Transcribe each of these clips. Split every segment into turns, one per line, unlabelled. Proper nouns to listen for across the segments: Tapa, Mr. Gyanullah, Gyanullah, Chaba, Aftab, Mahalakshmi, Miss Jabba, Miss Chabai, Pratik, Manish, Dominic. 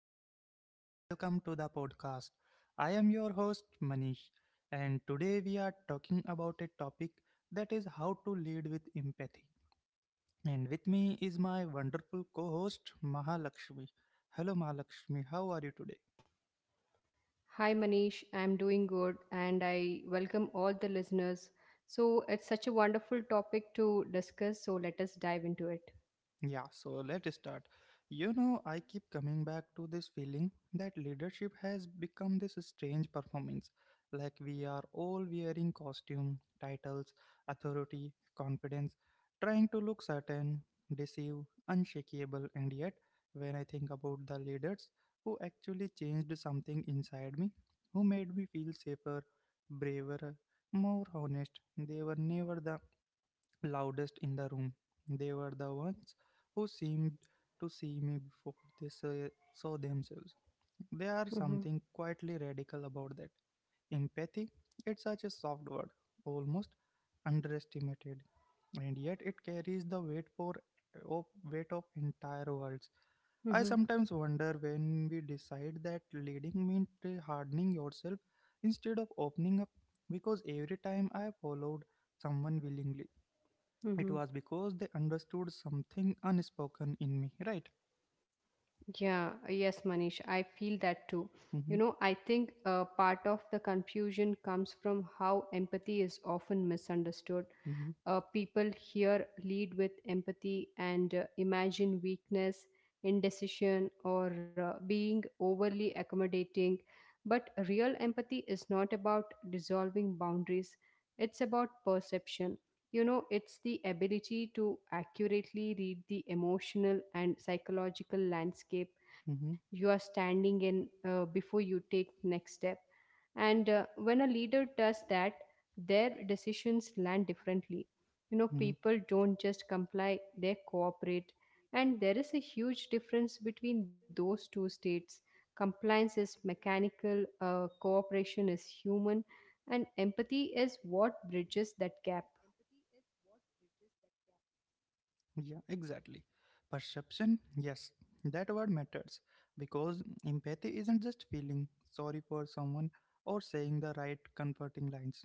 everyone, and welcome to the podcast. I am your host, Manish, and today we are talking about a topic that is how to lead with empathy. And with me is my wonderful co host, Mahalakshmi. Hello, Mahalakshmi, how are you today?
Hi Manish, I'm doing good and I welcome all the listeners. So it's such a wonderful topic to discuss, so let us dive into it.
Yeah, so let's start. You know, I keep coming back to this feeling that leadership has become this strange performance. Like we are all wearing costume, titles, authority, confidence, trying to look certain, deceive, unshakable, and yet, when I think about the leaders who actually changed something inside me, who made me feel safer, braver, more honest, they were never the loudest in the room. They were the ones who seemed to see me before they saw themselves. There are
Mm-hmm,
something quietly radical about that. Empathy, it's such a soft word, almost underestimated, and yet it carries the of weight of entire worlds. I
mm-hmm,
sometimes wonder when we decide that leading means hardening yourself instead of opening up, because every time I have followed someone willingly, it
mm-hmm.
was because they understood something unspoken in me, right?
Yeah, yes, Manish, I feel that too.
Hmm.
You know, I think part of the confusion comes from how empathy is often misunderstood.
Mhm,
People here lead with empathy and imagine weakness, indecision, or being overly accommodating. But real empathy is not about dissolving boundaries, it's about perception. You know, it's the ability to accurately read the emotional and psychological landscape you are
mhm,
standing in, before you take next step. And when a leader does that, their decisions land differently. You know,
mhm.
people don't just comply, they cooperate. And there is a huge difference between those two states. Compliance is mechanical, cooperation is human, and empathy is what bridges that gap.
Yeah, exactly. Perception, yes, that word matters because empathy isn't just feeling sorry for someone or saying the right comforting lines.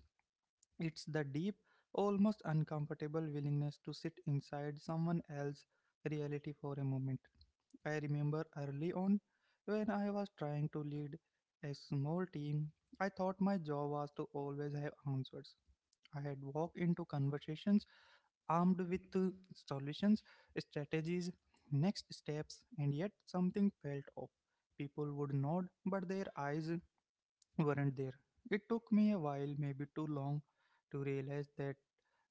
It's the deep, almost uncomfortable willingness to sit inside someone else's reality for a moment. I remember early on when I was trying to lead a small team, I thought my job was to always have answers. I had walked into conversations armed with solutions, strategies, next steps, and yet something felt off. People would nod, but their eyes weren't there. It took me a while, maybe too long, to realize that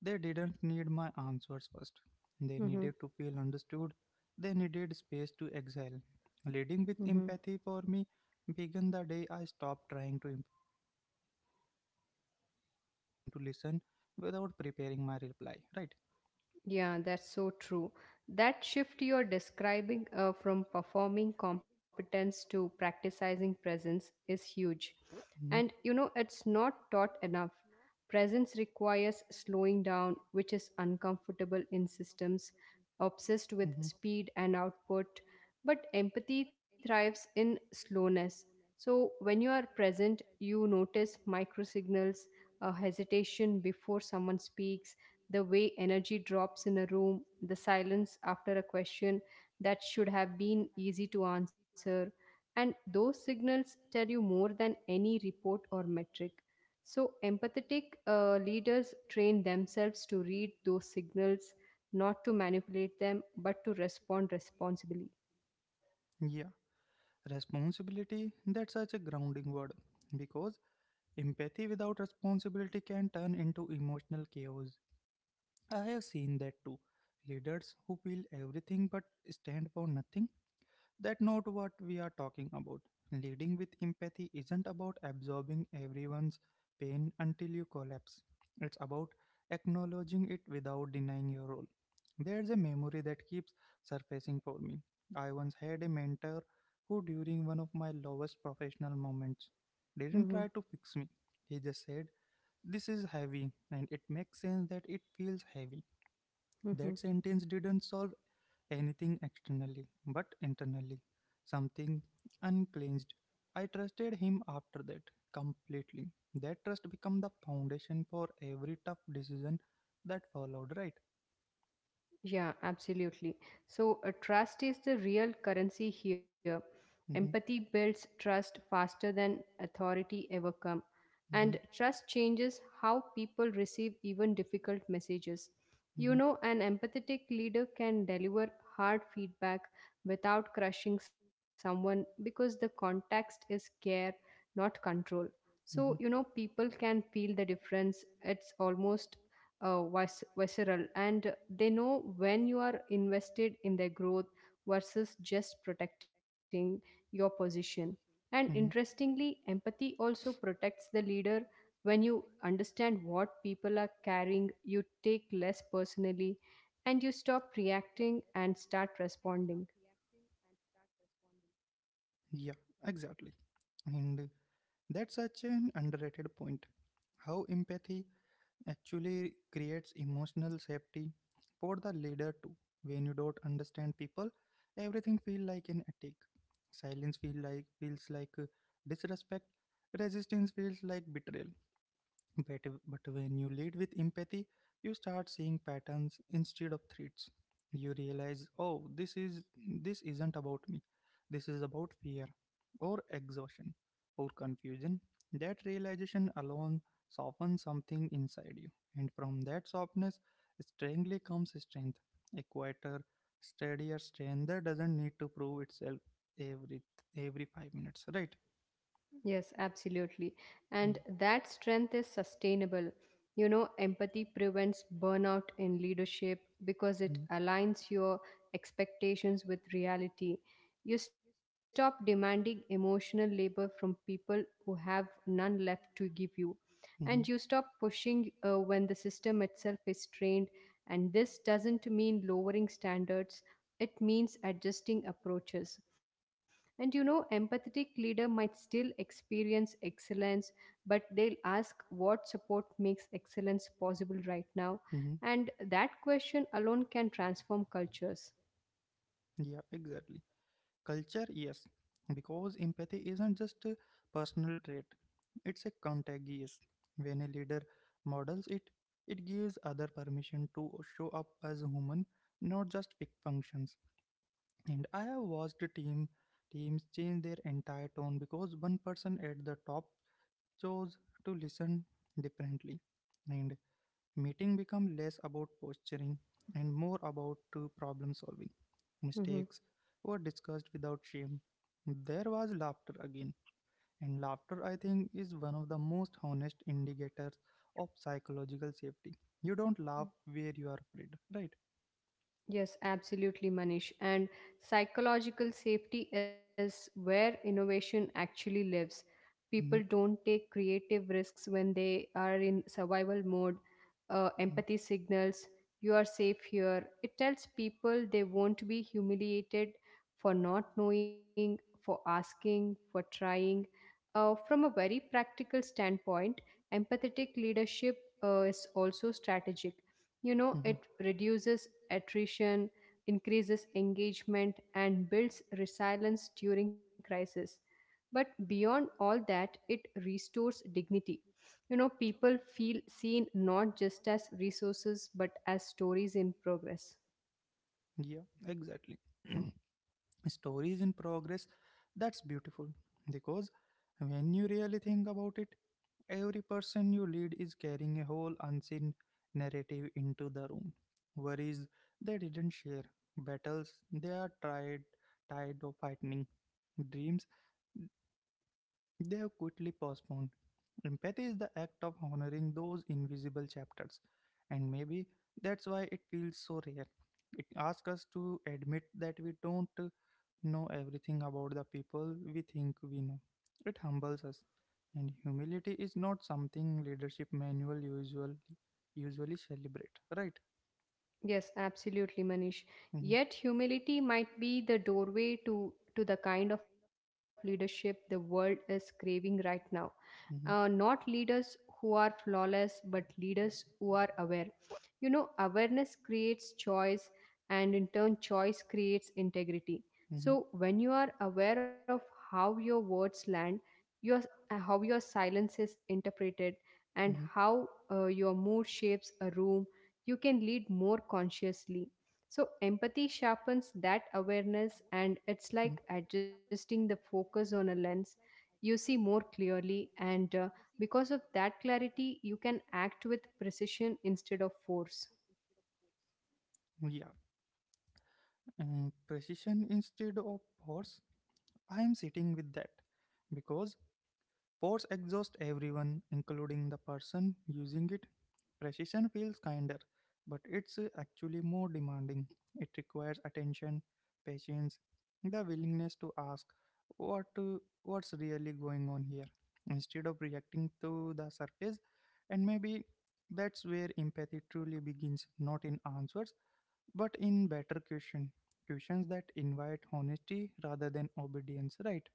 they didn't need my answers first. They
Hmm.
needed to feel understood. They needed space to exhale. Leading with empathy for me began the day I stopped trying to impress and started trying to listen without preparing my reply. Right?
Yeah, that's so true. That shift you're describing, from performing competence to practicing presence, is huge. And you
Mm-hmm.
know, it's not taught enough. Presence requires slowing down, which is uncomfortable in systems obsessed with
Mm-hmm.
speed and output. But empathy thrives in slowness. So when you are present, you notice micro signals, a hesitation before someone speaks, the way energy drops in a room, the silence after a question that should have been easy to answer. And those signals tell you more than any report or metric. So, empathetic leaders train themselves to read those signals, not to manipulate them, but to respond responsibly.
Yeah. Responsibility, that's such a grounding word because empathy without responsibility can turn into emotional chaos. I have seen that too. Leaders who feel everything but stand for nothing. That's not what we are talking about. Leading with empathy isn't about absorbing everyone's pain until you collapse. It's about acknowledging it without denying your role. There's a memory that keeps surfacing for me. I once had a mentor who, during one of my lowest professional moments, didn't
Mhm,
try to fix me. He just said, "This is heavy, and it makes sense that it feels heavy."
mhm.
That sentence didn't solve anything externally, but internally, something uncleansed. I trusted him after that completely. That trust became the foundation for every tough decision that followed, right?
Yeah, absolutely. So, trust is the real currency here. Empathy
Mm-hmm,
builds trust faster than authority ever come. And
mm-hmm,
trust changes how people receive even difficult messages. You
mm-hmm,
know, an empathetic leader can deliver hard feedback without crushing someone because the context is care, not control. So, you know,
mm-hmm,
people can feel the difference. It's almost visceral, and they know when you are invested in their growth versus just protecting your position. And
mm-hmm.
interestingly, empathy also protects the leader. When you understand what people are carrying, you take less personally, and you stop reacting and start responding.
Yeah, exactly. And that's such an underrated point. How empathy actually creates emotional safety for the leader too. When you don't understand people, everything feel like an attack. Silence feels like disrespect. Resistance feels like betrayal. But, but when you lead with empathy, you start seeing patterns instead of threats. You realize, oh, this isn't about me. This is about fear or exhaustion or confusion. That realization alone softens something inside you. And from that softness, strangely comes strength. A quieter, steadier strength that doesn't need to prove itself every every 5 minutes, right?
Yes, absolutely. And
Mm-hmm.
that strength is sustainable. You know, empathy prevents burnout in leadership because it aligns your expectations with reality. You stop demanding emotional labor from people who have none left to give you.
Mm-hmm.
And you stop pushing when the system itself is strained. And this doesn't mean lowering standards, it means adjusting approaches. And you know, empathetic leader might still experience excellence, but they'll ask what support makes excellence possible right now.
Mm-hmm.
And that question alone can transform cultures.
Yeah, exactly. Culture, yes, because empathy isn't just a personal trait, it's a contagious. When a leader models it, it gives other permission to show up as human, not just pick functions. And I have watched a team teams change their entire tone because one person at the top chose to listen differently. And meeting become less about posturing and more about problem solving.
Mhm.
Mistakes were discussed without shame. There was laughter again, and laughter I think is one of the most honest indicators of psychological safety. You don't laugh where you are afraid, right?
Yes, absolutely, Manish. And psychological safety is where innovation actually lives. People
Mhm,
don't take creative risks when they are in survival mode.
mhm,
Empathy signals, you are safe here. It tells people they won't be humiliated for not knowing, for asking, for trying. From a very practical standpoint, empathetic leadership is also strategic. You know,
mhm.
it reduces attrition, increases engagement, and builds resilience during crisis. But beyond all that, it restores dignity. You know, people feel seen not just as resources but as stories in progress.
Yeah, exactly. Stories in progress, that's beautiful because when you really think about it, every person you lead is carrying a whole unseen narrative into the room, worries they didn't share, battles they are tired of fighting, dreams they have quickly postponed. Empathy is the act of honoring those invisible chapters, and maybe that's why it feels so rare. It asks us to admit that we don't know everything about the people we think we know. It humbles us. And humility is not something leadership manual usually celebrate, right?
Yes, absolutely, Manish.
Hmm.
Yet humility might be the doorway to the kind of leadership the world is craving right now. Not
Hmm.
leaders who are flawless, but leaders who are aware. You know, awareness creates choice, and in turn, choice creates integrity.
Hmm.
So, when you are aware of how your words land, your how your silence is interpreted, and
Hmm.
how your mood shapes a room, you can lead more consciously. So, empathy sharpens that awareness, and it's like adjusting the focus on a lens. You see more clearly, and because of that clarity, you can act with precision instead of force.
How. Mhm. Yeah, precision instead of force. I am sitting with that because force exhausts everyone, including the person using it. Precision feels kinder, but it's actually more demanding. It requires attention, patience, the willingness to ask what uh, what's really going on here instead of reacting to the surface. And maybe that's where empathy truly begins, not in answers but in better questions that invite honesty rather than obedience, right?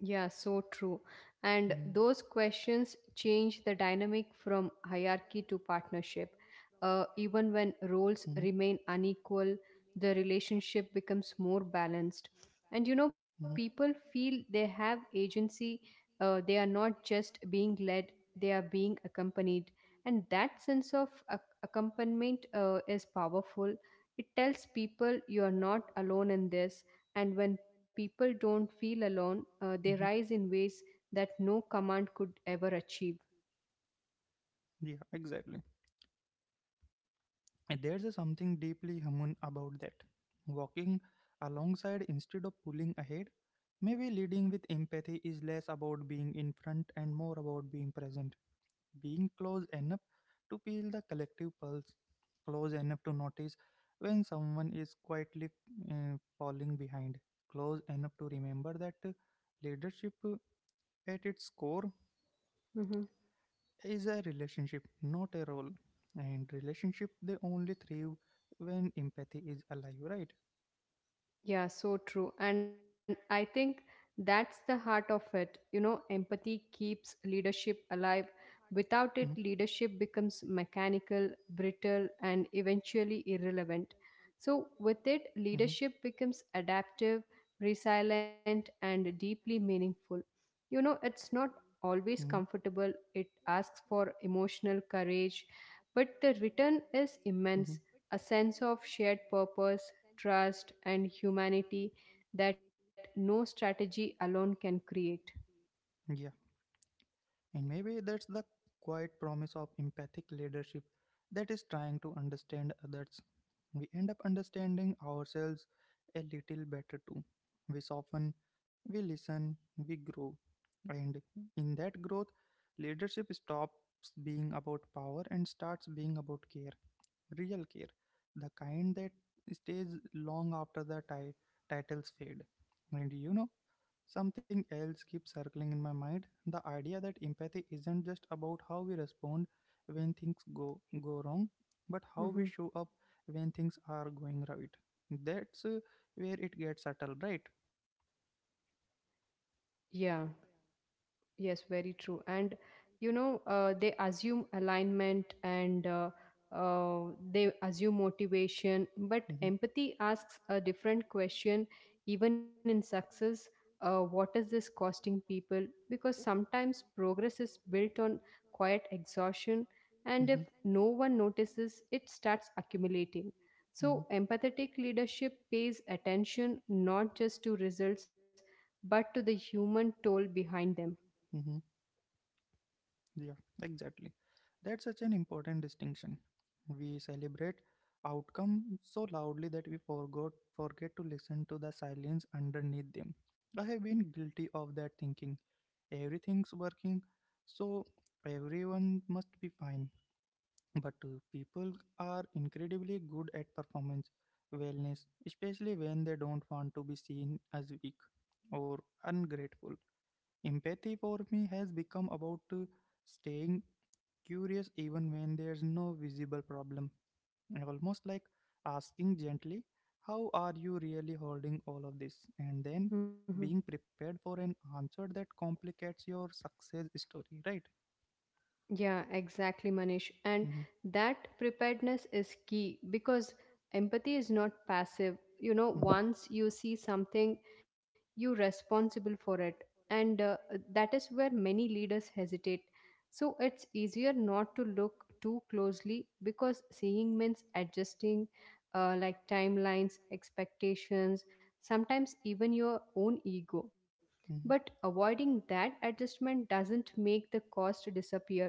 Yeah, so true. And those questions change the dynamic from hierarchy to partnership. Even when
Mhm.
roles remain unequal, the relationship becomes more balanced. And you know,
Hmm.
people feel they have agency,
Hmm.
they are not just being led, they are being accompanied. And that sense of accompaniment is powerful. It tells people you are not alone in this, and when people don't feel alone, they
And
rise in ways that no command could ever achieve.
yeah, exactly. And there's a something deeply human about that. Walking alongside instead of pulling ahead, maybe leading with empathy is less about being in front and more about being present, being close enough to feel the collective pulse, close enough to notice when someone is quietly falling behind, close enough to remember that leadership at its core
Mhm.
is a relationship, not a role. And relationship they only thrive when empathy is alive, right?
Yeah, so true. And I think that's the heart of it. You know, empathy keeps leadership alive.
Mm-hmm,
Without it, leadership becomes mechanical, brittle, and eventually irrelevant. So, with it,
mm-hmm,
leadership becomes adaptive, resilient, and deeply meaningful. You know,
mm-hmm,
it's not always comfortable, it asks for emotional courage, but the return is
mm-hmm.
immense, a sense of shared purpose, trust, and humanity that no strategy alone can create.
Yeah, and maybe that's the quiet promise of empathic leadership, that is trying to understand others. We end up understanding ourselves a little better too. We soften, we listen, we grow, and in that growth, leadership stops being about power and starts being about care. Real care. The kind that stays long after the titles fade. And you know, something else keeps circling in my mind, the idea that empathy isn't just about how we respond when things go wrong, but how we
Hmm.
show up when things are going right. That's where it gets subtle, right?
Yeah. Yes, very true. And you know, they assume alignment and uh, they assume motivation, but
Hmm. Asks.
empathy asks a different question, even in success. What is this costing people? Because sometimes progress is built on quiet exhaustion, and if
Hmm.
no one notices, it starts accumulating.
Hmm.
So, empathetic leadership pays attention not just to results but to the human toll behind them.
Yeah, exactly. That's such an important distinction. We celebrate outcome so loudly that we forgot forget to listen to the silence underneath them. I have been guilty of that thinking. Everything's working, so everyone must be fine. But people are incredibly good at performance wellness, especially when they don't want to be seen as weak or ungrateful. Empathy for me has become about staying curious even when there's no visible problem. I almost like asking gently, "How are you really holding all of this?" And then
Hmm.
being prepared for an answer that complicates your success story, right?
Yeah, exactly, Manish. And
Mm-hmm.
that preparedness is key because empathy is not passive. You know,
Mm-hmm.
once you see something, you're responsible for it. And that is where many leaders hesitate. So it's easier not to look too closely because seeing means adjusting, like timelines, expectations, sometimes even your own ego.
Mm-hmm.
But avoiding that adjustment doesn't make the cost disappear,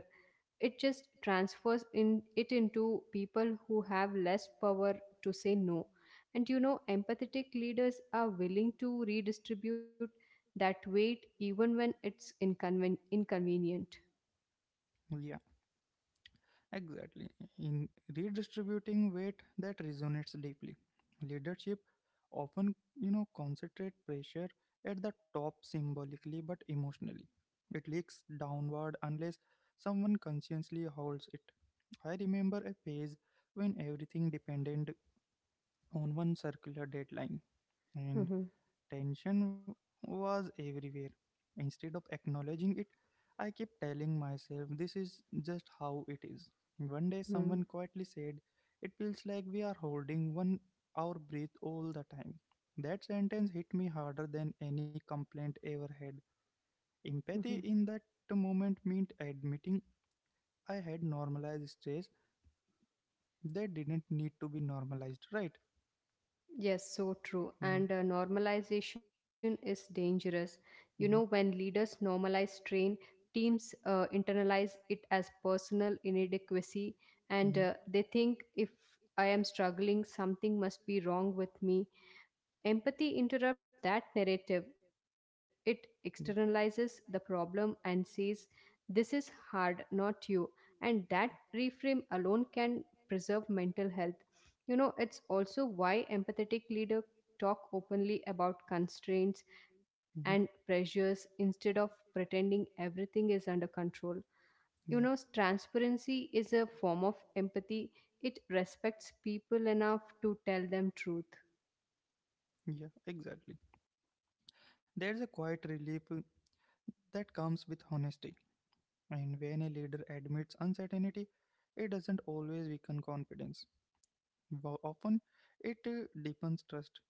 it just transfers in it into people who have less power to say no. And you know, empathetic leaders are willing to redistribute that weight even when it's inconvenient.
Yeah. Exactly. In redistributing weight, that resonates deeply. Leadership often, you know, concentrate pressure at the top symbolically but emotionally. It leaks downward unless someone consciously holds it. I remember a phase when everything depended on one circular deadline, and tension was everywhere. Instead of acknowledging it, I kept telling myself this is just how it is. One day,
Mm-hmm.
someone quietly said, "It feels like we are holding one our breath all the time." That sentence hit me harder than any complaint ever had. Empathy in that moment meant admitting I had normalized stress that didn't need to be normalized, right?
Yes, so true.
Mm-hmm,
And normalization is dangerous. You know,
mm-hmm,
when leaders normalize strain, teams internalize it as personal inadequacy, and
mm-hmm,
they think if I am struggling, something must be wrong with me. Empathy interrupts that narrative. It
yeah.
externalizes the problem and says, this is hard, not you. And that reframe alone can preserve mental health. You know, it's also why empathetic leaders talk openly about constraints and
Mm-hmm,
pressures instead of pretending everything is under control. You know,
yeah.
transparency is a form of empathy, it respects people enough to tell them truth.
Yeah, exactly. There's a quiet relief that comes with honesty. And when a leader admits uncertainty, it doesn't always weaken confidence. Often, it deepens trust.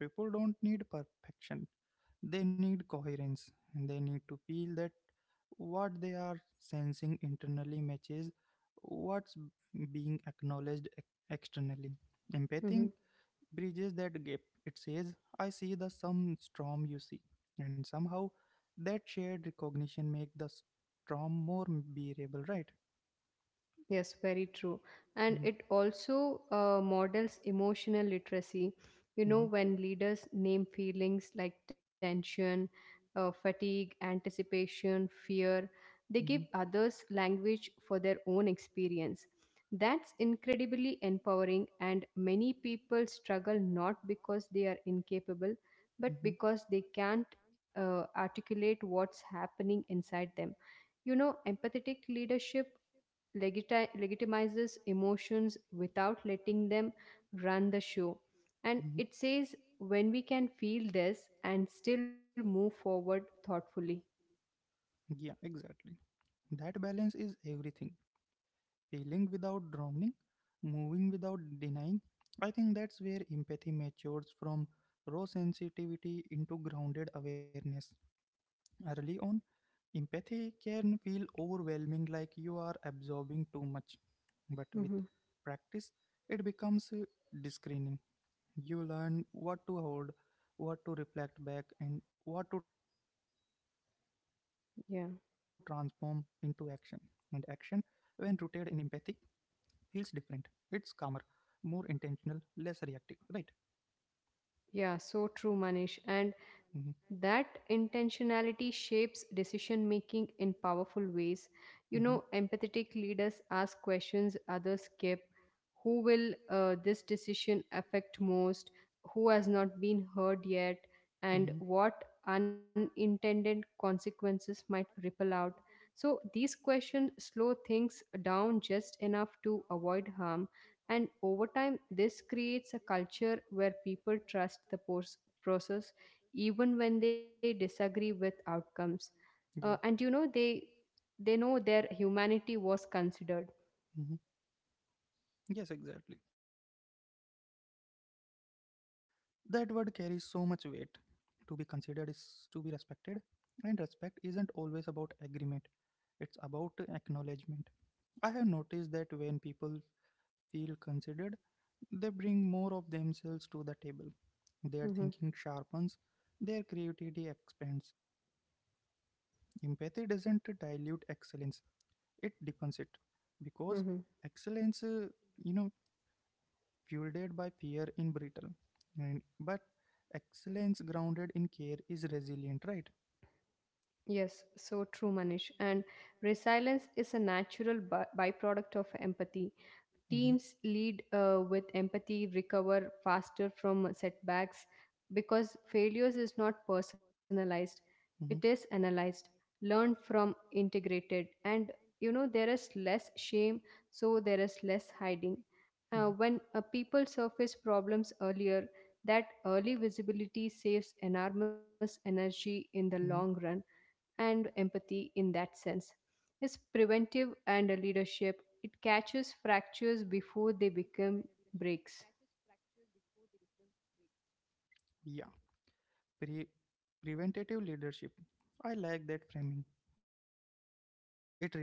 People don't need perfection, they need coherence. And they need to feel that what they are sensing internally matches what's being acknowledged externally. Empathy
Mhm.
bridges that gap. It says, I see the some storm you see. And somehow that shared recognition make the storm more bearable, right?
Yes, very true. And
Mhm,
it also models emotional literacy. You know,
mhm,
when leaders name feelings like tension, fatigue, anticipation, fear, they give
mhm,
others language for their own experience. That's incredibly empowering, and many people struggle not because they are incapable, but
mhm,
because they can't articulate what's happening inside them. You know, empathetic leadership legitimizes emotions without letting them run the show. And
mhm.
it says when we can feel this and still move forward thoughtfully.
Yeah, exactly. That balance is everything. Feeling without drowning, moving without denying. I think that's where empathy matures from raw sensitivity into grounded awareness. Early on, empathy can feel overwhelming, like you are absorbing too much. But with
Mhm.
practice, it becomes discerning. You learn what to hold, what to reflect back, and what to transform into action. And
Yeah.
action, when rooted in empathy, feels different. It's calmer, more intentional, less reactive, right?
Yeah, so true, Manish. And
Mm-hmm.
that intentionality shapes decision making in powerful ways. You know,
Mm-hmm.
empathetic leaders ask questions others skip. Who will this decision affect most? Who has not been heard yet? And
Mm-hmm.
what unintended consequences might ripple out? So, these questions slow things down just enough to avoid harm, and over time, this creates a culture where people trust the process even when they disagree with outcomes. And
Yeah.
you know, they know their humanity was considered.
Mm-hmm. Yes, exactly. Considered. That word carries so much weight. To be considered is to be respected, and respect isn't always about agreement, it's about acknowledgement. I have noticed that when people feel considered, they bring more of themselves to the table. Their
Hmm.
thinking sharpens, their creativity expands. Empathy doesn't dilute excellence, it deepens it because
Hmm.
excellence, you know, fueled by fear in brittle, and but excellence grounded in care is resilient, right?
Yes, so true, Manish. And resilience is a natural byproduct of empathy.
Mm-hmm,
Teams lead with empathy, recover faster from setbacks because failures is not personalized, it is
mm-hmm,
analyzed, learned from, integrated, and you know there is less shame, so there is less hiding.
yeah,
When people surface problems earlier, that early visibility saves enormous energy in the long run.
mhm,
And empathy, in that sense, is preventive, and a leadership, it catches fractures before they become breaks.
yeah. pre- Preventative leadership. I like that framing. It reminds me that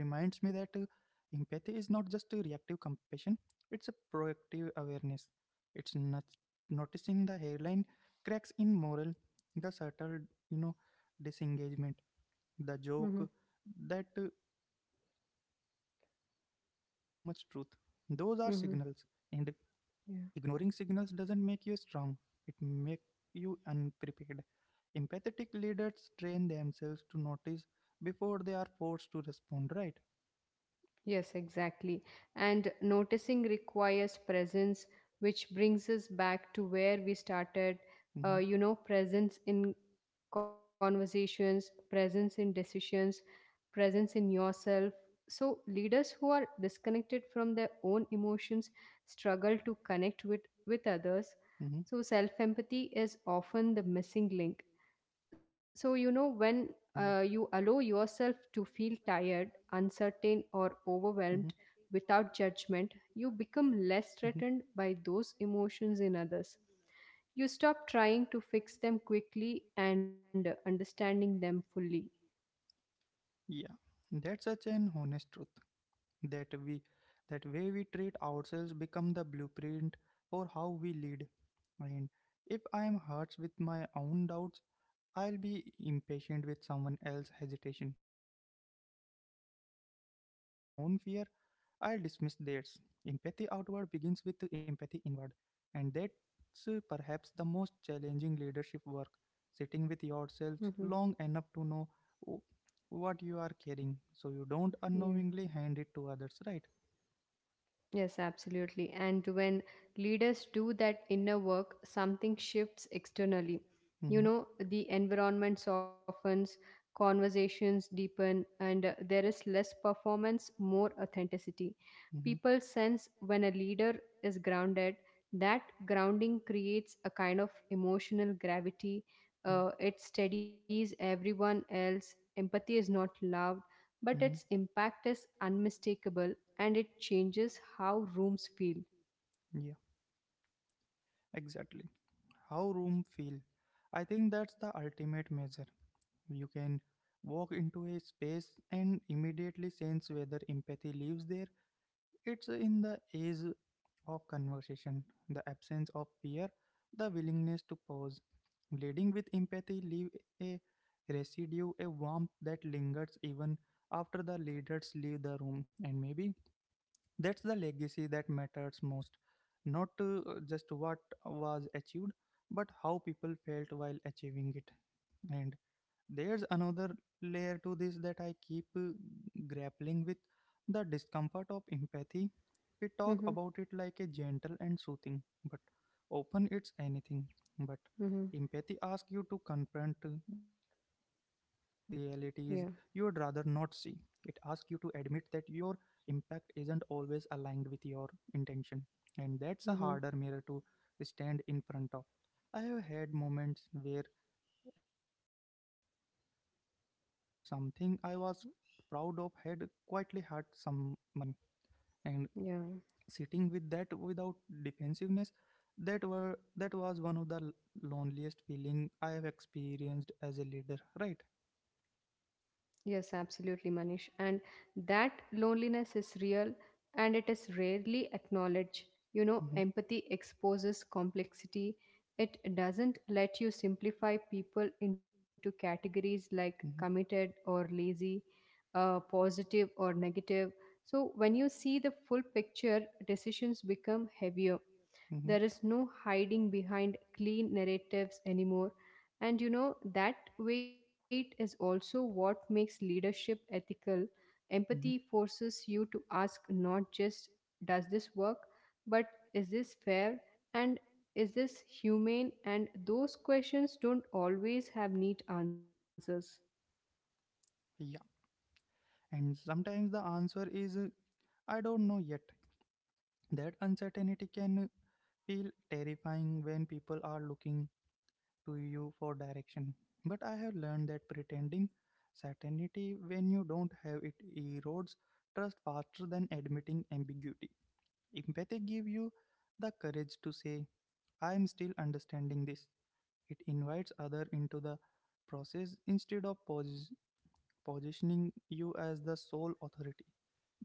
empathy is not just a reactive compassion, it's a proactive awareness. It's not noticing the hairline cracks in moral, the subtle, you know, disengagement, the
Hmm.
joke that carry a little too much truth. Those are signals, and
Hmm. Yeah.
ignoring signals doesn't make you strong. It makes you unprepared. Empathetic leaders train themselves to notice before they are forced to respond, right?
Yes, exactly. And noticing requires presence, which brings us back to where we started. You
Hmm.
know, presence in conversations, presence in decisions, presence in yourself. So, leaders who are disconnected from their own emotions struggle to connect with others.
Hmm.
So, self empathy is often the missing link. So you
Yeah.
know, when you allow yourself to feel tired, uncertain, or
Hmm.
overwhelmed without judgment, you become less
Hmm.
threatened by those emotions in others. You stop trying to fix them quickly and understanding them fully.
Yeah. That's such an honest truth that we that way we treat ourselves become the blueprint for how we lead. And if I am hurt with my own doubts, I'll be impatient with someone else's hesitation. If I deny my own fear, I'll dismiss theirs. Empathy outward begins with empathy inward, and that's perhaps the most challenging leadership work, sitting with
Hmm.
yourselves long enough to know w- what you are carrying, so you don't
Yeah.
unknowingly hand it to others, right?
Yes, absolutely. And when leaders do that inner work, something shifts externally. You
Mm-hmm.
know, the environment softens, conversations deepen, and there is less performance, more authenticity.
Mm-hmm.
People sense when a leader is grounded, that grounding creates a kind of emotional gravity.
Yeah.
It steadies everyone else. Empathy is not loud, but its
Mm-hmm.
impact is unmistakable, and it changes how rooms feel.
Yeah, exactly. How room feel. I think that's the ultimate measure. You can walk into a space and immediately sense whether empathy lives there. It's in the age of conversation, the absence of fear, the willingness to pause. Leading with empathy leave a residue, a warmth that lingers even after the leaders leave the room. And maybe that's the legacy that matters most. Not just what was achieved, but how people felt while achieving it. And there's another layer to this that I keep grappling with, the discomfort of empathy. We talk
Mm-hmm,
about it like a gentle and soothing, but often it's anything. But
mm-hmm,
empathy asks you to confront realities you would rather
yeah,
not see. It asks you to admit that your impact isn't always aligned with your intention, and that's a
mm-hmm,
harder mirror to stand in front of. I have had moments where I realized that something I was proud of had quietly hurt someone, and
yeah,
sitting with that without defensiveness, that was one of the loneliest feeling I have experienced as a leader. Right?
yes, absolutely, Manish. And that loneliness is real, and it is rarely acknowledged. You know,
Mm-hmm.
empathy exposes complexity. It doesn't let you simplify people into categories like
Mm-hmm.
committed or lazy, positive or negative. So, when you see the full picture, decisions become heavier.
Mm-hmm.
There is no hiding behind clean narratives anymore. And you know, that weight is also what makes leadership ethical. Empathy
Mm-hmm.
forces you to ask not just, does this work, but is this fair and is this humane? And those questions don't always have neat answers.
Yeah. And sometimes the answer is I don't know yet. That uncertainty can feel terrifying when people are looking to you for direction. But I have learned that pretending certainty when you don't have it erodes trust faster than admitting ambiguity. Empathy gives you the courage to say, I am still understanding this. It invites others into the process instead of positioning you as the sole authority.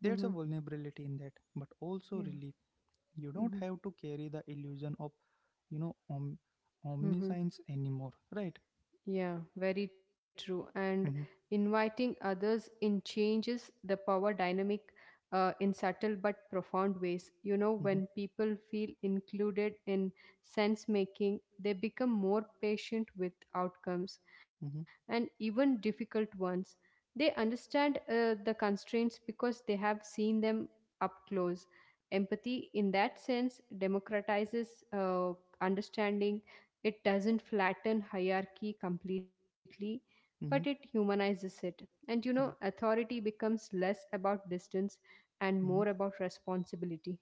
There's a
Hmm.
vulnerability in that, but also
Yeah.
relief, you don't have to carry the illusion of you know om-
Hmm.
omniscience anymore, right?
Yeah, very true. And
Mm-hmm.
inviting others in changes the power dynamic in subtle but profound ways. You know,
Mm-hmm.
when people feel included in sense making, they become more patient with outcomes
Mm-hmm.
and even difficult ones. They understand the constraints because they have seen them up close. Empathy, in that sense, democratizes uh, understanding. It doesn't flatten hierarchy completely, but it
Mm-hmm.
humanizes it. And you know,
Yeah.
authority becomes less about distance and more
Mm-hmm.
about responsibility.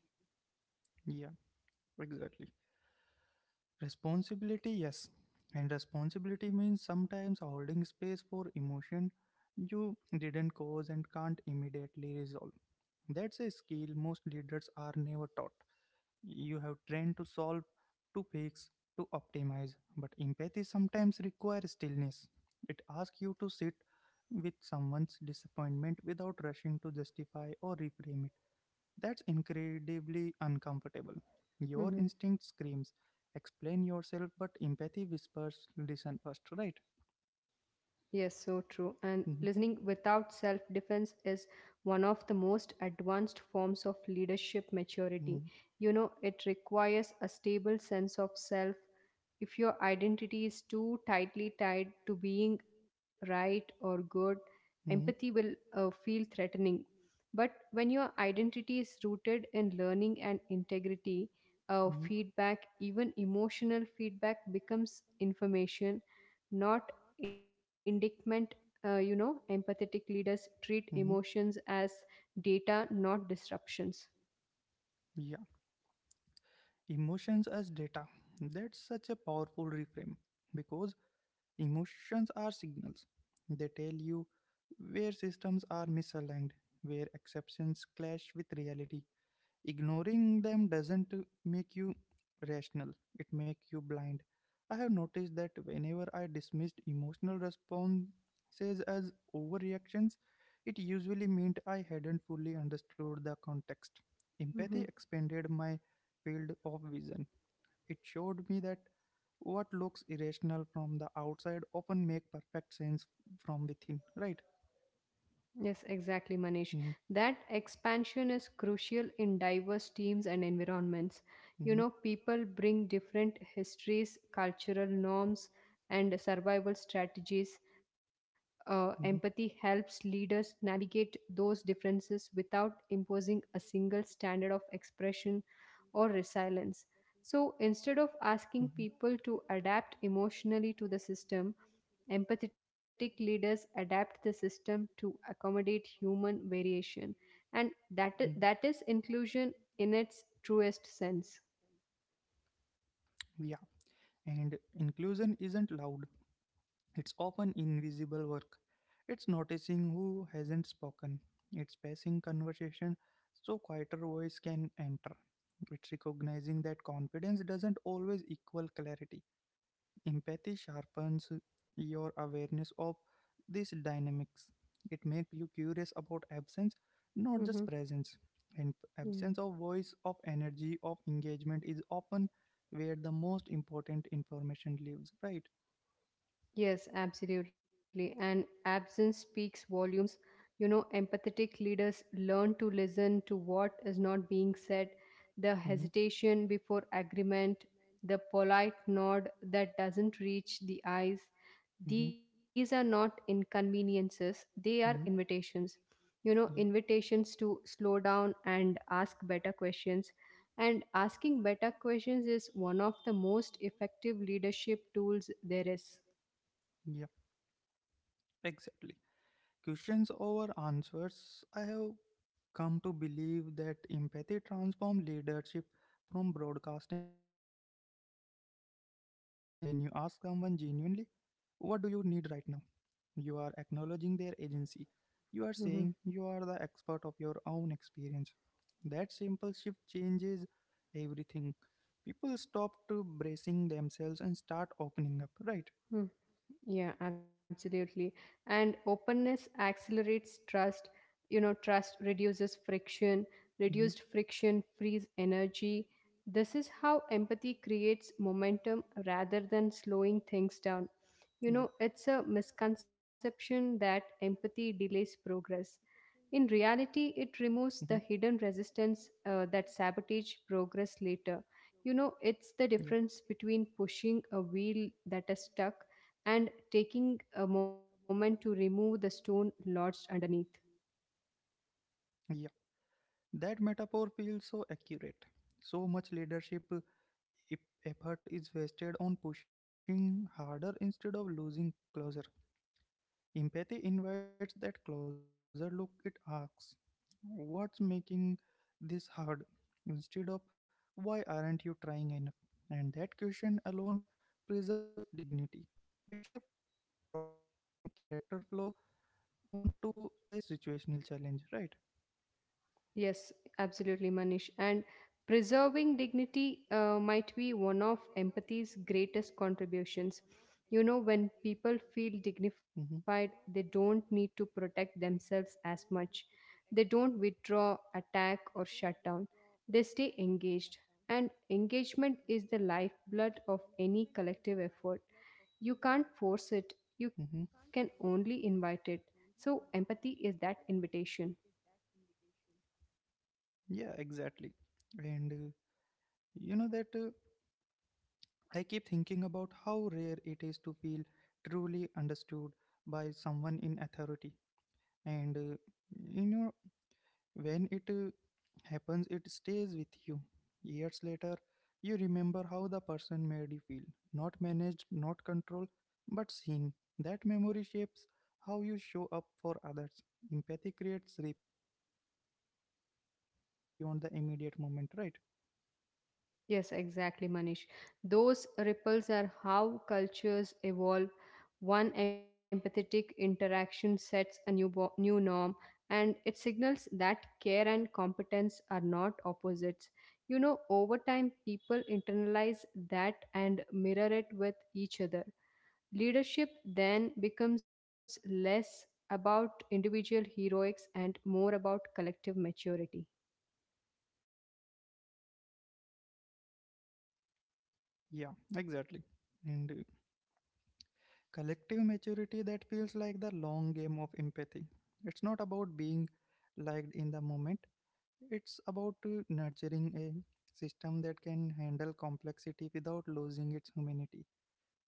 Yeah, exactly. Responsibility, yes. And responsibility means sometimes holding space for emotion you didn't cause and can't immediately resolve. That's a skill most leaders are never taught. You have trained to solve, to fix, to optimize. But empathy sometimes requires stillness. It
Mm-hmm,
asks you to sit with someone's disappointment without rushing to justify or reframe it. That's incredibly uncomfortable. Your
mm-hmm.
instinct screams, explain yourself, but empathy whispers, listen first, right?
Yes, so true. And listening
Mhm.
without self defense is one of the most advanced forms of leadership maturity.
Mhm.
You know, it requires a stable sense of self. If your identity is too tightly tied to being right or good, empathy
Mhm.
will feel threatening. But when your identity is rooted in learning and integrity,
Mhm.
feedback, even emotional feedback, becomes information, not indictment. You know, empathetic leaders treat
Mhm.
emotions as data, not disruptions.
Yeah, emotions as data. That's such a powerful reframe, because emotions are signals. They tell you where systems are misaligned, where exceptions clash with reality. Ignoring them doesn't make you rational, it makes you blind. I have noticed that whenever I dismissed emotional responses as overreactions, it usually meant I hadn't fully understood the context. Empathy
Mhm.
expanded my field of vision. It showed me that what looks irrational from the outside often make perfect sense from within, right?
Yes, exactly, Manish.
Hmm.
That expansion is crucial in diverse teams and environments. You
Hmm.
know, people bring different histories, cultural norms, and survival strategies. Empathy
Hmm.
helps leaders navigate those differences without imposing a single standard of expression or resilience. So instead of asking
Hmm.
people to adapt emotionally to the system, empathetic leaders adapt the system to accommodate human variation, and that
Mhm.
that is inclusion in its truest sense.
Yeah, and inclusion isn't loud. It's often invisible work. It's noticing who hasn't spoken. It's passing conversation so quieter voice can enter. It's recognizing that confidence doesn't always equal clarity. Empathy sharpens your awareness of these dynamics. It makes you curious about absence, not just
Mhm.
presence. And
Yeah.
absence of voice, of energy, of engagement is often where the most important information lives, right?
Yes, absolutely. And absence speaks volumes. You know, empathetic leaders learn to listen to what is not being said, the
Mhm.
hesitation before agreement, the polite nod that doesn't reach the eyes.
Mm-hmm.
These are not inconveniences, they are
Mm-hmm.
invitations. You know,
Yeah.
invitations to slow down and ask better questions. And asking better questions is one of the most effective leadership tools there is.
Yeah, exactly. Questions over answers. I have come to believe that empathy transforms leadership from broadcasting to dialogue. When you ask someone genuinely, what do you need right now? You are acknowledging their agency. You are saying
Mhm,
you are the expert of your own experience. That simple shift changes everything. People stop to bracing themselves and start opening up, right?
mhm. Yeah, absolutely. And openness accelerates trust. You know, trust reduces friction. Reduced
Hmm.
friction frees energy. This is how empathy creates momentum rather than slowing things down. You
Yeah.
know, it's a misconception that empathy delays progress. In reality, it
Hmm.
removes the hidden resistance that sabotage progress later. You know, it's the
Yeah.
difference between pushing a wheel that is stuck and taking a moment to remove the stone lodged underneath.
Yeah, that metaphor feels so accurate. So much leadership if effort is wasted on pushing harder instead of losing closer. Empathy invites that closer look. It asks, what's making this hard? Instead of, why aren't you trying enough? And that question alone preserves dignity. It shifts the problem from a character flaw to a situational challenge, right?
Yes, absolutely, Manish. And preserving dignity might be one of empathy's greatest contributions. You know, when people feel
Mm-hmm.
dignified, they don't need to protect themselves as much. They don't withdraw, attack, or shut down. They stay engaged. And engagement is the lifeblood of any collective effort. You can't force it, you can
Mm-hmm.
only invite it. So, empathy is that invitation.
Yeah, exactly. And you know that. I keep thinking about how rare it is to feel truly understood by someone in authority, and you know when it happens, it stays with you. Years later, you remember how the person made you feel, not managed, not controlled, but seen. That memory shapes how you show up for others. Empathy creates ripples that extend far beyond the immediate moment, right?
Yes, exactly, Manish. Those ripples are how cultures evolve. One empathetic interaction sets a new, new norm, and it signals that care and competence are not opposites. You know, over time, people internalize that and mirror it with each other. Leadership then becomes less about individual heroics and more about collective maturity.
Yeah, exactly. And collective maturity, that feels like the long game of empathy. It's not about being liked in the moment, it's about nurturing a system that can handle complexity without losing its humanity.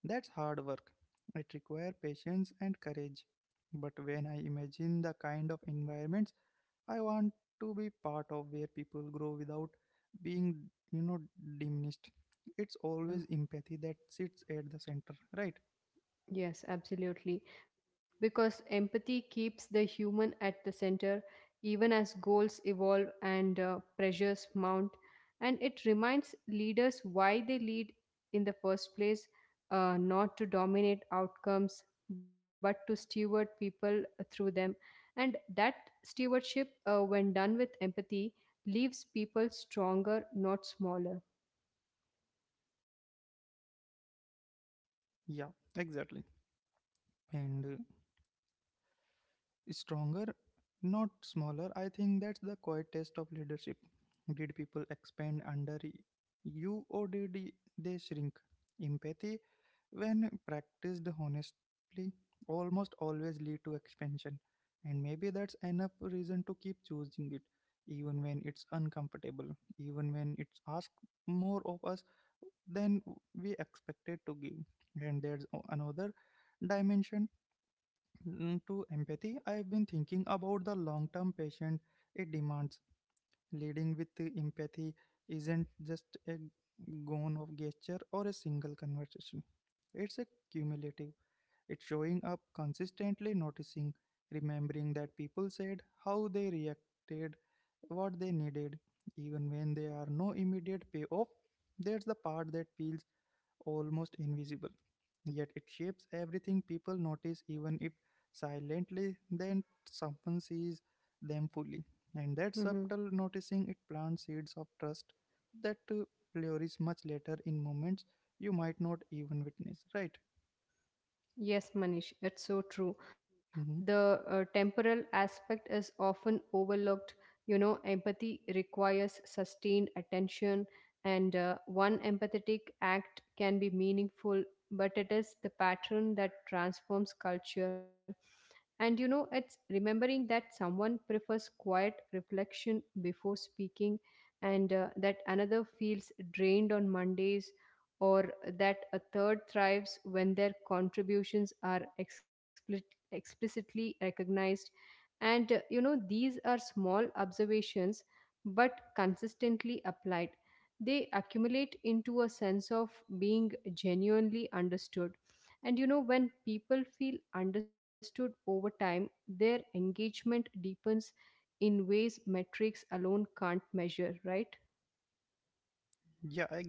That's hard work. It requires patience and courage. But when I imagine the kind of environments I want to be part of, where people grow without being, you know, diminished, it's always
Yeah.
empathy that sits at the center, right?
Yes, absolutely. Because empathy keeps the human at the center, even as goals evolve and pressures mount. And it reminds leaders why they lead in the first place, not to dominate outcomes, but to steward people through them. And that stewardship, when done with empathy, leaves people stronger, not smaller.
Yeah, exactly. And stronger, not smaller. I think that's the quiet test of leadership. Did people expand under you, or did they shrink? Empathy, when practiced honestly, almost always lead to expansion, and maybe that's enough reason to keep choosing it, even when it's uncomfortable, even when it's asked more of us than we expected to give. And there's another dimension, to empathy. I've been thinking about the long term patient it demands. Leading with empathy isn't just a gone of gesture or a single conversation. It's a cumulative. It's showing up consistently, noticing, remembering that people said how they reacted, what they needed, even when there are no immediate payoff. That's the part that feels almost invisible. Yet it shapes everything people notice, even if silently, then someone sees them fully. And that
Mm-hmm.
subtle noticing, it plants seeds of trust that flourish much later in moments you might not even witness. Right?
Yes, Manish, it's so true.
Hmm.
The temporal aspect is often overlooked. You know, empathy requires sustained attention, and one empathetic act can be meaningful, but it is the pattern that transforms culture. And you know, it's remembering that someone prefers quiet reflection before speaking, and that another feels drained on Mondays, or that a third thrives when their contributions are explicitly recognized. And you know, these are small observations, but consistently applied, they accumulate into a sense of being genuinely understood. And you know, when people feel understood over time, their engagement deepens in ways metrics alone can't measure, right?
Yeah,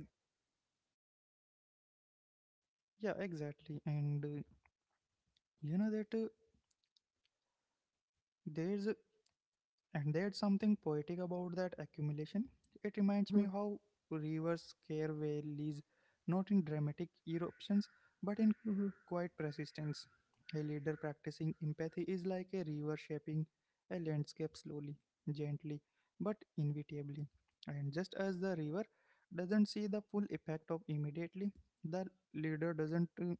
yeah, exactly. And you know that there's and there's something poetic about that accumulation. It reminds
Hmm.
me how rivers scare valleys, not in dramatic eruptions, but in
Hmm.
quiet persistence. A leader practicing empathy is like a river shaping a landscape slowly, gently, but inevitably. And just as the river doesn't see the full effect of immediately, the leader doesn't uh,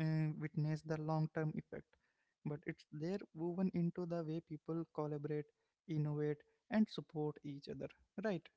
uh, witness the long term effect. But it's there, woven into the way people collaborate, innovate, and support each other. Right?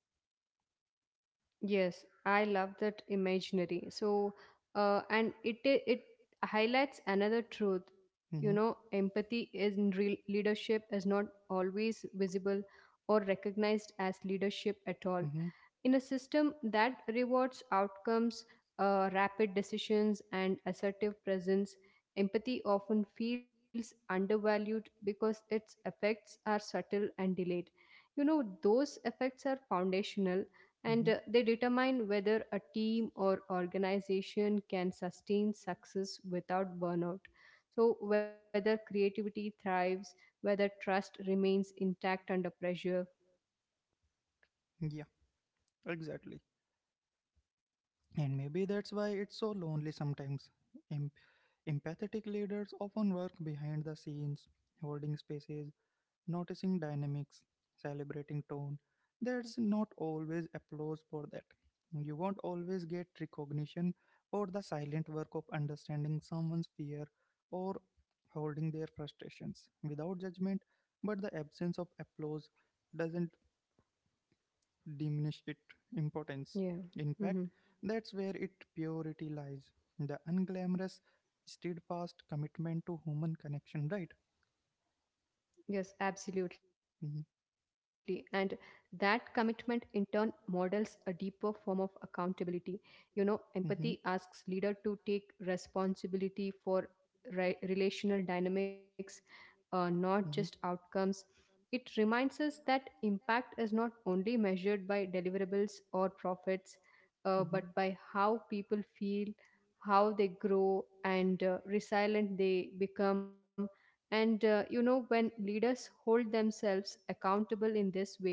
Yes, I love that imaginary. So, and it highlights another truth. You know,
Mm-hmm.
empathy is in real leadership is not always visible or recognized as leadership at all.
Mm-hmm.
In a system that rewards outcomes, rapid decisions, and assertive presence, empathy often feels undervalued because its effects are subtle and delayed. You know, those effects are foundational and
Mm-hmm.
they determine whether a team or organization can sustain success without burnout. So, whether creativity thrives, whether trust remains intact under pressure.
Yeah, exactly. And maybe that's why it's so lonely sometimes. Em- Empathetic leaders often work behind the scenes, holding spaces, noticing dynamics, celebrating tone. There's not always applause for that. You won't always get recognition for the silent work of understanding someone's fear, or holding their frustrations without judgment, but the absence of applause doesn't diminish its importance.
Yeah.
In fact,
Mhm.
that's where its purity lies, the unglamorous, steadfast commitment to human connection, right?
Yes, absolutely. And
Hmm.
that commitment in turn models a deeper form of accountability. You know, empathy
Hmm.
asks leader to take responsibility for relational dynamics, not just
Hmm.
outcomes. It reminds us that impact is not only measured by deliverables or profits,
Hmm.
but by how people feel, how they grow, and resilient they become. And you know, when leaders hold themselves accountable in this way,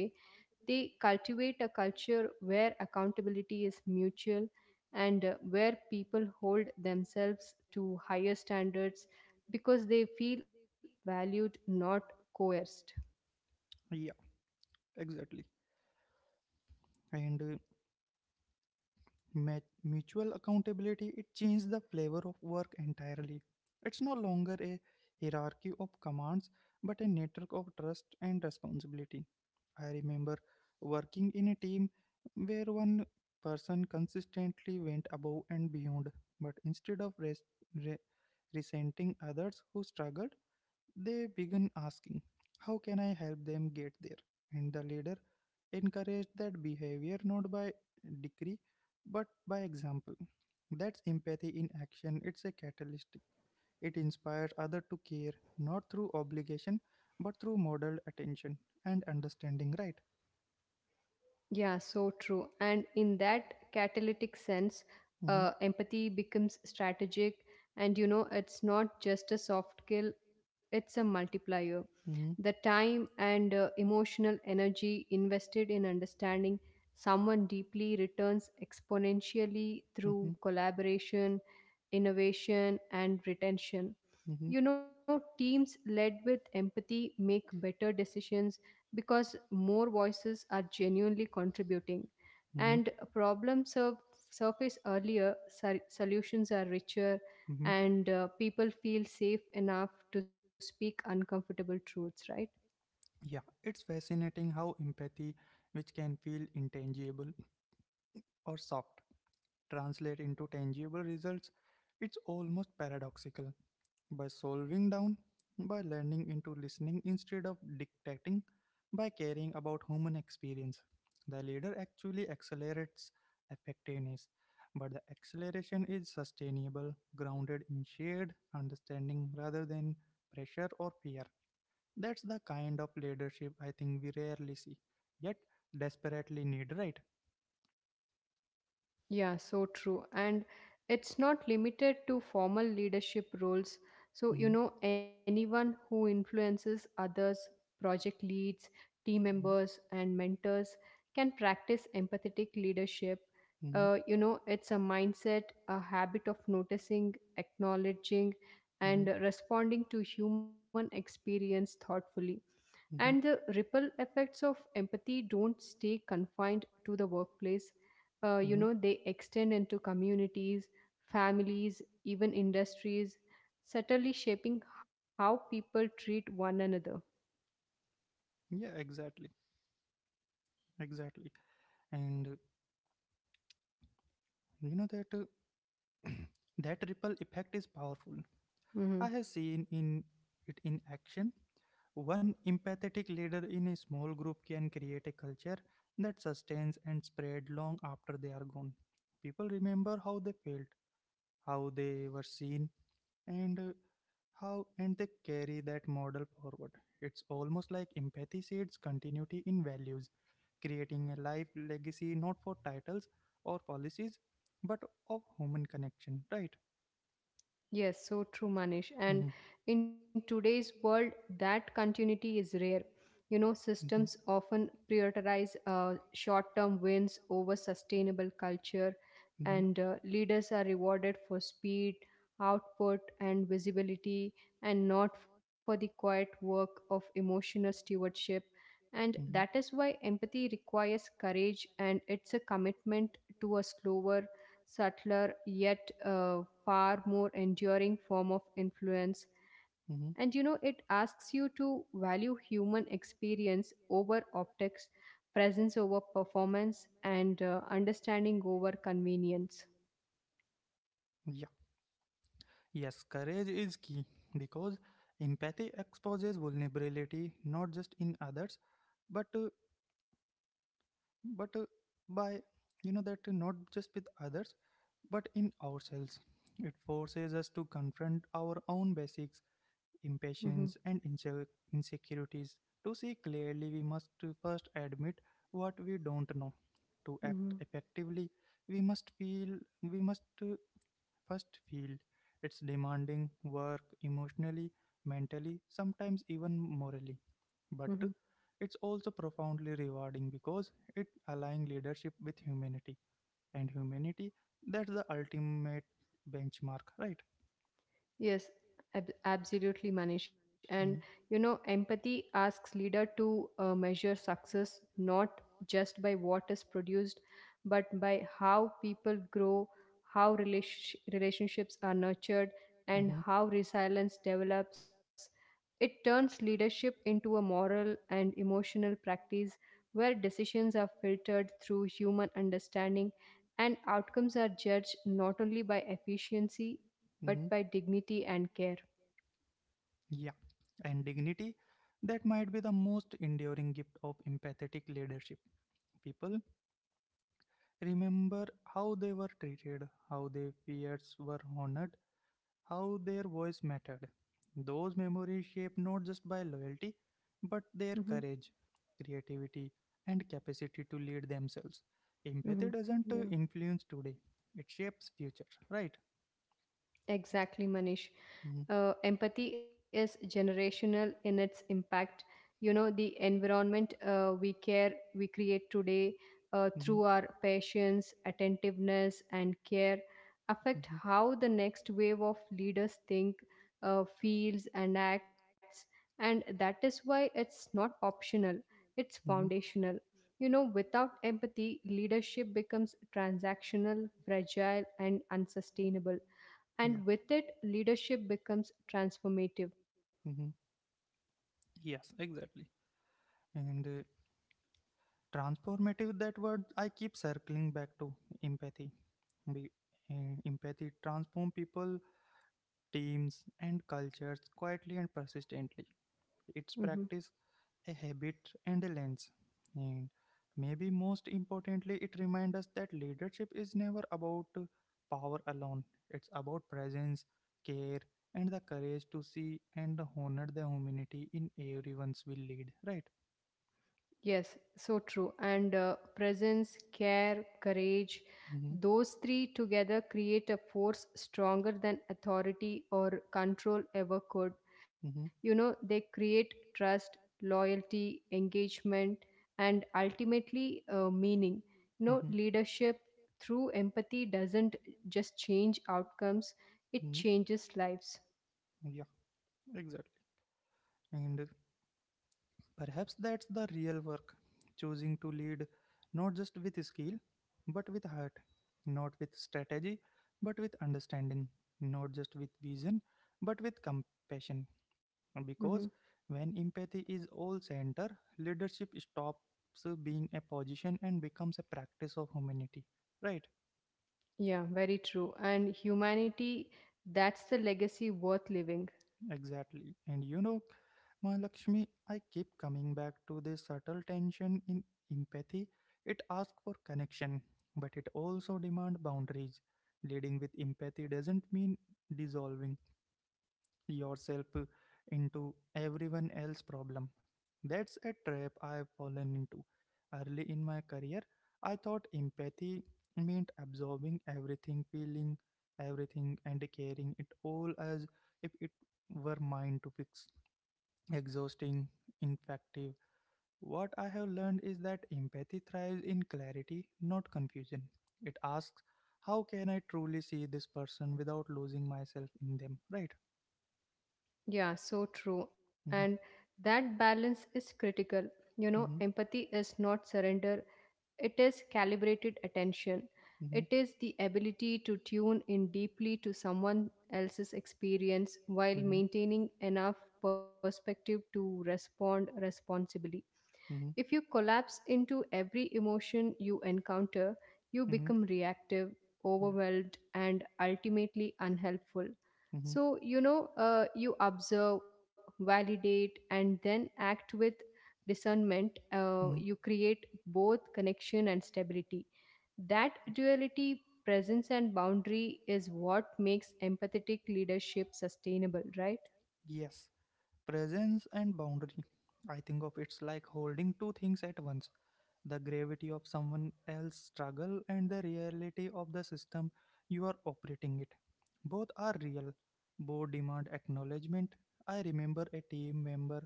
they cultivate a culture where accountability is mutual, and where people hold themselves to higher standards because they feel valued, not coerced.
Yeah, exactly. And mutual accountability, it changed the flavor of work entirely. It's no longer a hierarchy of commands, but a network of trust and responsibility. I remember working in a team where one person consistently went above and beyond, but instead of re- resenting others who struggled, they began asking, how can I help them get there? And the leader encourage that behavior, not by decree, but by example. That's empathy in action. It's a catalyst. It inspires others to care, not through obligation, but through modeled attention and understanding, right?
Yeah, so true. And in that catalytic sense,
Mm-hmm.
empathy becomes strategic. And you know, it's not just a soft skill, it's a multiplier. The
Mm-hmm.
time and emotional energy invested in understanding someone deeply returns exponentially
Mm-hmm.
through collaboration, innovation, and retention.
Mm-hmm.
You know, teams led with empathy make better decisions because more voices are genuinely contributing,
Mm-hmm.
and problems surface earlier, solutions are richer,
Mm-hmm.
and people feel safe enough to speak uncomfortable truths, right?
Yeah, it's fascinating how empathy, which can feel intangible or soft, translate into tangible results. It's almost paradoxical. By solving down, by learning into listening instead of dictating, by caring about human experience, the leader actually accelerates effectiveness. But the acceleration is sustainable, grounded in shared understanding rather than pressure or fear. That's the kind of leadership I think we rarely see, yet desperately need, right?
Yeah, so true. And it's not limited to formal leadership roles. So, you
Hmm.
know, anyone who influences others, project leads, team
Team. Hmm.
members, and mentors can practice empathetic leadership.
Hmm.
You know, it's a mindset, a habit of noticing, acknowledging, and
Hmm.
responding to human experience thoughtfully. And the
Hmm.
ripple effects of empathy don't stay confined to the workplace. You
Hmm.
know, they extend into communities, families, even industries, subtly shaping how people treat one another.
Yeah, exactly, exactly. And you know that that ripple effect is powerful. I
Mhm.
have seen in it in action. One empathetic leader in a small group can create a culture that sustains and spread long after they are gone. People remember how they felt, how they were seen, and how and they carry that model forward. It's almost like empathy seeds continuity in values, creating a life legacy, not for titles or policies, but of human connection, right?
Yes, so true, Manish. And in today's world, that continuity is rare. You know,
Mhm.
systems often prioritize short term wins over sustainable culture,
Mhm. Mhm.
and leaders are rewarded for speed, output, and visibility, and not for the quiet work of emotional stewardship. And
Mhm.
that is why empathy requires courage, and it's a commitment to a slower, subtler, yet far more enduring form of influence. And you
Mhm.
know, it asks you to value human experience over optics, presence over performance, and understanding over convenience.
Yeah. Yes, courage is key because empathy exposes vulnerability not just in others but uh, but by you know that not just with others but in ourselves. It forces us to confront our own basics,
Mhm,
impatience and insecurities. To see clearly we must to first admit what we don't know. To act
mhm,
effectively we must feel, we must first feel. It's demanding work emotionally, mentally, sometimes even morally,
mhm.
but it's also profoundly rewarding because it aligns leadership with humanity. And humanity, that's the ultimate benchmark, right?
Yes, absolutely, Manish. And you know, empathy asks leader to measure success not just by what is produced, but by how people grow, how relationships are nurtured, and
Mm-hmm.
how resilience develops. It turns leadership into a moral and emotional practice where decisions are filtered through human understanding, and outcomes are judged not only by efficiency
Hmm.
but by dignity and care.
Yeah, and dignity, that might be the most enduring gift of empathetic leadership. People remember how they were treated, how their fears were honored, how their voice mattered. Those memories shaped not just by loyalty, but
Hmm.
their courage, creativity, and capacity to lead themselves. Empathy
Hmm.
doesn't
Yeah.
influence today, it shapes future, right?
Exactly, Manish. Empathy is generational in its impact. You know, the environment we create today
Mhm, mhm,
through our patience, attentiveness, and care affect
mhm,
how the next wave of leaders think, feels, and acts. And that is why it's not optional, it's
mhm.
foundational. You know, without empathy, leadership becomes transactional, fragile, and unsustainable,
Yeah.
and with it leadership becomes transformative.
Hmm. Yes, exactly. And transformative, that word I keep circling back to. Empathy. Be, empathy transforms people, teams, and cultures quietly and persistently.
Mhm.
It's practice, a habit, and a lens. And maybe most importantly, it reminds us that leadership is never about power alone, it's about presence, care, and the courage to see and honor the humanity in everyone's will lead, right?
Yes, so true, and presence, care, courage,
Mm-hmm,
those three together create a force stronger than authority or control ever could. You
mm-hmm,
know, they create trust, loyalty, engagement, and ultimately meaning. You know,
mm-hmm,
leadership through empathy doesn't just change outcomes, it
mm-hmm.
changes lives.
Yeah, exactly. And perhaps that's the real work, choosing to lead not just with skill, but with heart, not with strategy, but with understanding, not just with vision, but with compassion.
Mhm.
Because when empathy is all center, leadership stops being a position and becomes a practice of humanity. Right,
Yeah, very true. And humanity, that's the legacy worth living.
exactly. And you know, My Lakshmi, I keep coming back to this subtle tension in empathy. It asks for connection, but it also demands boundaries. Leading with empathy doesn't mean dissolving yourself into everyone else's problem. That's a trap I've fallen into. Early in my career, I thought empathy meant absorbing everything, feeling everything, and carrying it all as if it were mine to fix. Exhausting, ineffective. What I have learned is that empathy thrives in clarity, not confusion. It asks, how can I truly see this person without losing myself in them? Right?
Yeah, so true.
Hmm.
And that balance is critical. You know,
Hmm.
empathy is not surrender, it is calibrated attention. It is the ability to tune in deeply to someone else's experience while
Hmm.
maintaining enough perspective to respond responsibly. If
Hmm.
you collapse into every emotion you encounter, you
Hmm.
become
Hmm.
reactive,
Yeah.
overwhelmed, and ultimately unhelpful.
Hmm.
So, you know, you observe, validate, and then act with discernment. You
Hmm.
create both connection and stability. That duality, presence, and boundary is what makes empathetic leadership sustainable, right?
Yes. Presence and boundary. I think of it's like holding two things at once, the gravity of someone else's struggle and the reality of the system you are operating it. Both are real, both demand acknowledgement. I remember a team member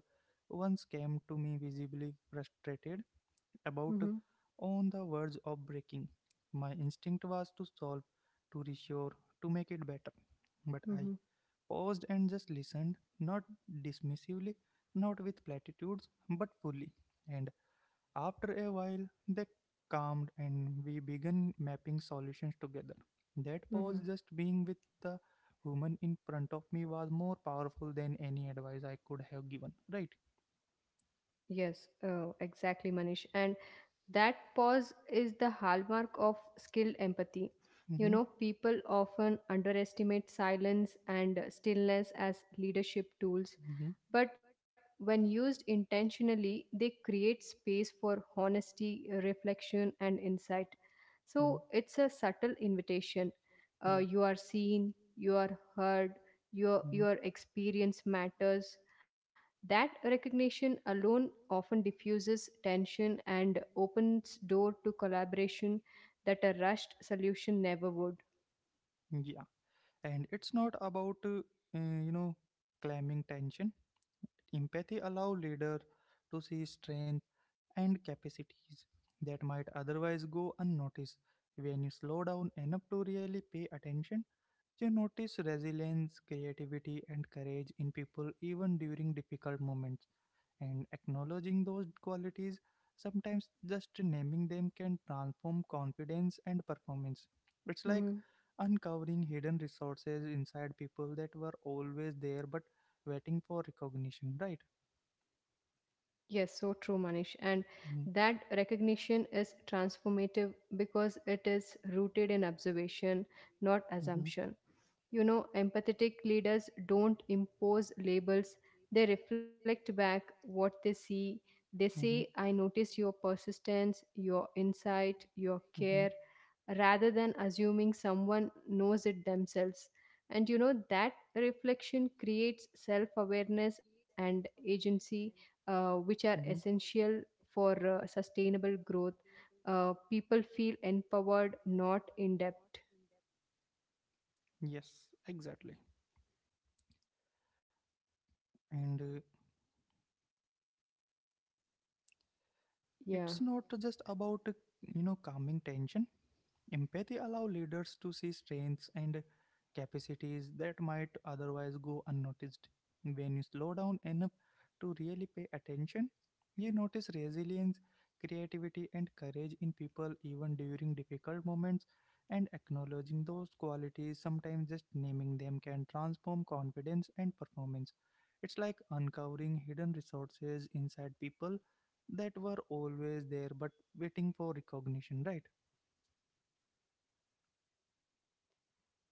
once came to me visibly frustrated about,
Mm-hmm,
on the verge of breaking. My instinct was to solve, to reassure, to make it better, but I
mm-hmm,
paused and just listened, not dismissively, not with platitudes, but fully. And after a while, they calmed and we began mapping solutions together. That pause,
mm-hmm.
just being with the woman in front of me, was more powerful than any advice I could have given. Right?
Yes, exactly, Manish. And that pause is the hallmark of skilled empathy.
Hmm.
You
You know.
know, people often underestimate silence and stillness as leadership tools,
Hmm.
but when used intentionally, they create space for honesty, reflection, and insight. So it's
Hmm.
a subtle invitation.
Yeah.
You
Your
are seen, you are heard,
hmm.
your experience matters. That recognition alone often diffuses tension and opens door to collaboration that a rushed solution never would.
Yeah, and it's not about you know, claiming tension. Empathy allow leader to see strength and capacities that might otherwise go unnoticed. When you slow down enough to really pay attention, you notice resilience, creativity, and courage in people even during difficult moments. And acknowledging those qualities, sometimes just naming them, can transform confidence and performance. It's like
Mhm.
uncovering hidden resources inside people that were always there but waiting for recognition, right?
Yes, so true, Manish. And
Mm-hmm.
that recognition is transformative because it is rooted in observation, not assumption. You know, empathetic leaders don't impose labels, they reflect back what they see. They say,
Mm-hmm. Mm-hmm.
I notice your persistence, your insight, your
Mm-hmm.
care, rather than assuming someone knows
Yeah.
it themselves. And you know, that reflection creates self awareness and agency, which
Mm-hmm.
are essential for sustainable growth. People feel empowered, not in debt.
Yes, exactly. And
Yeah.
it's not just about you know, calming tension. Empathy allows leaders to see strengths and capacities that might otherwise go unnoticed. When you slow down enough to really pay attention, you notice resilience, creativity, and courage in people even during difficult moments. And acknowledging those qualities, sometimes just naming them, can transform confidence and performance. It's like uncovering hidden resources inside people that were always there but waiting for recognition, right?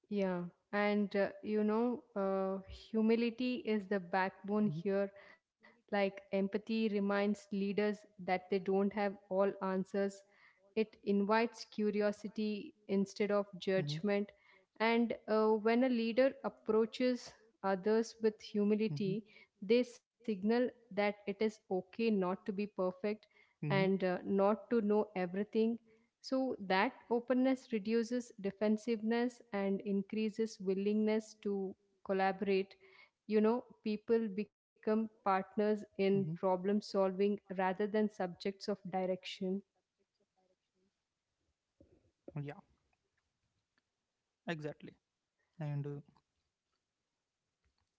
Yeah, and humility is
Mhm.
the backbone here. Like empathy reminds leaders that they don't have all answers, it invites curiosity instead of
Hmm.
judgment. And when a leader approaches others with
Hmm.
humility, they signal that it is okay not to be perfect
Hmm.
and not to know everything. So that openness reduces defensiveness and increases willingness to collaborate. You know, people become
Hmm.
partners in problem solving rather than subjects of direction.
Yeah, exactly. And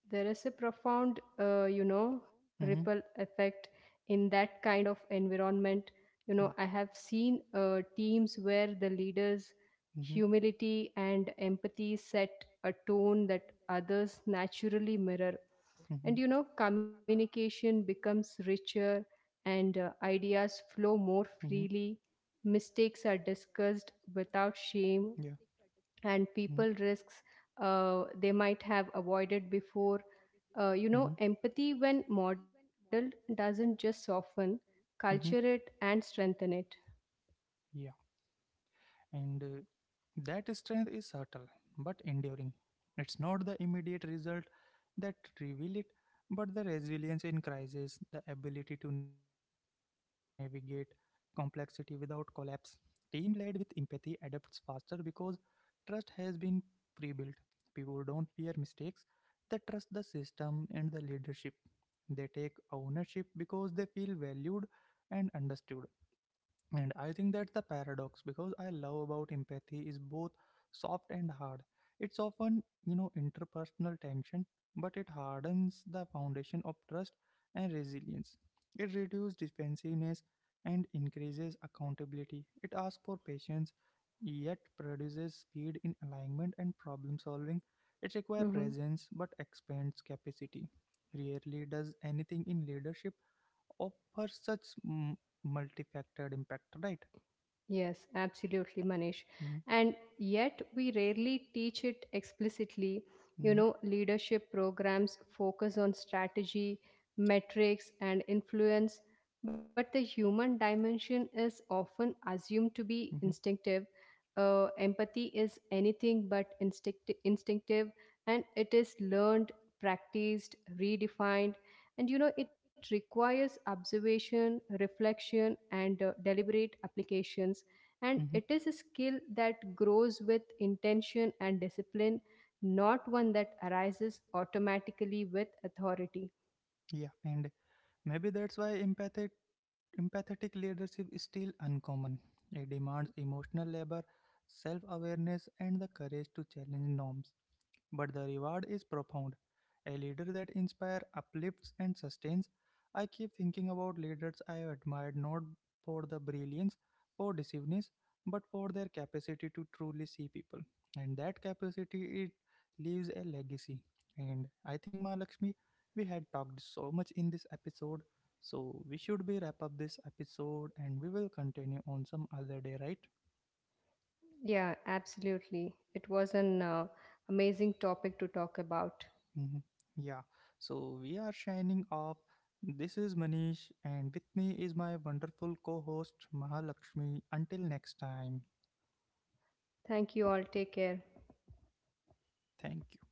There is a profound, you know, ripple
hmm,
effect in that kind of environment. You know, I
yeah,
have seen teams where the leaders'
hmm,
humility and empathy set a tone that others naturally mirror.
hmm,
And, you know, communication becomes richer and
hmm,
ideas flow more freely. Mistakes are discussed without
yeah,
shame,
hmm,
and people risks they might have avoided before. You know, empathy, when modeled, doesn't just soften, culture
hmm,
it
hmm,
and strengthen it.
yeah. And that strength is subtle but enduring. It's not the immediate result that reveal it, but the resilience in crisis, the ability to navigate complexity without collapse. Team led with empathy adapts faster because trust has been pre built. People don't fear mistakes, they trust the system and the leadership. They take ownership because they feel valued and understood. And I think that's the paradox because I love about empathy is both soft and hard. It's often, you know, interpersonal tension, but it hardens the foundation of trust and resilience. It reduces defensiveness and increases accountability. It asks for patience yet produces speed in alignment and problem solving. It requires
Mhm.
presence but expands capacity. Rarely does anything in leadership offer such multifaceted impact, right?
Yes, absolutely, Manish.
Mhm,
And yet, we rarely teach it explicitly. You
mhm,
know, leadership programs focus on strategy, metrics, and influence, but the human dimension is often assumed to be
mhm,
instinctive. Empathy is anything but instinctive, and it is learned, practiced, redefined. And you know, it requires observation, reflection, and deliberate applications, and
mhm.
it is a skill that grows with intention and discipline, not one that arises automatically with authority.
Yeah, and maybe that's why empathic empathetic leadership is still uncommon. It demands emotional labor, self awareness, and the courage to challenge norms. But the reward is profound. A leader that inspires, uplifts, and sustains. I keep thinking about leaders I have admired not for the brilliance or deceiveness, but for their capacity to truly see people. And that capacity, it leaves a legacy. And I think, Mahalakshmi, we had talked so much in this episode, so we should be wrap up this episode and we will continue on some other day, right?
Yeah, absolutely. It was an amazing topic to talk about.
Mhm. Yeah, so we are shining up. This is Manish, and with me is my wonderful co host Mahalakshmi. Until next time,
Thank you all. Take care.
thank you.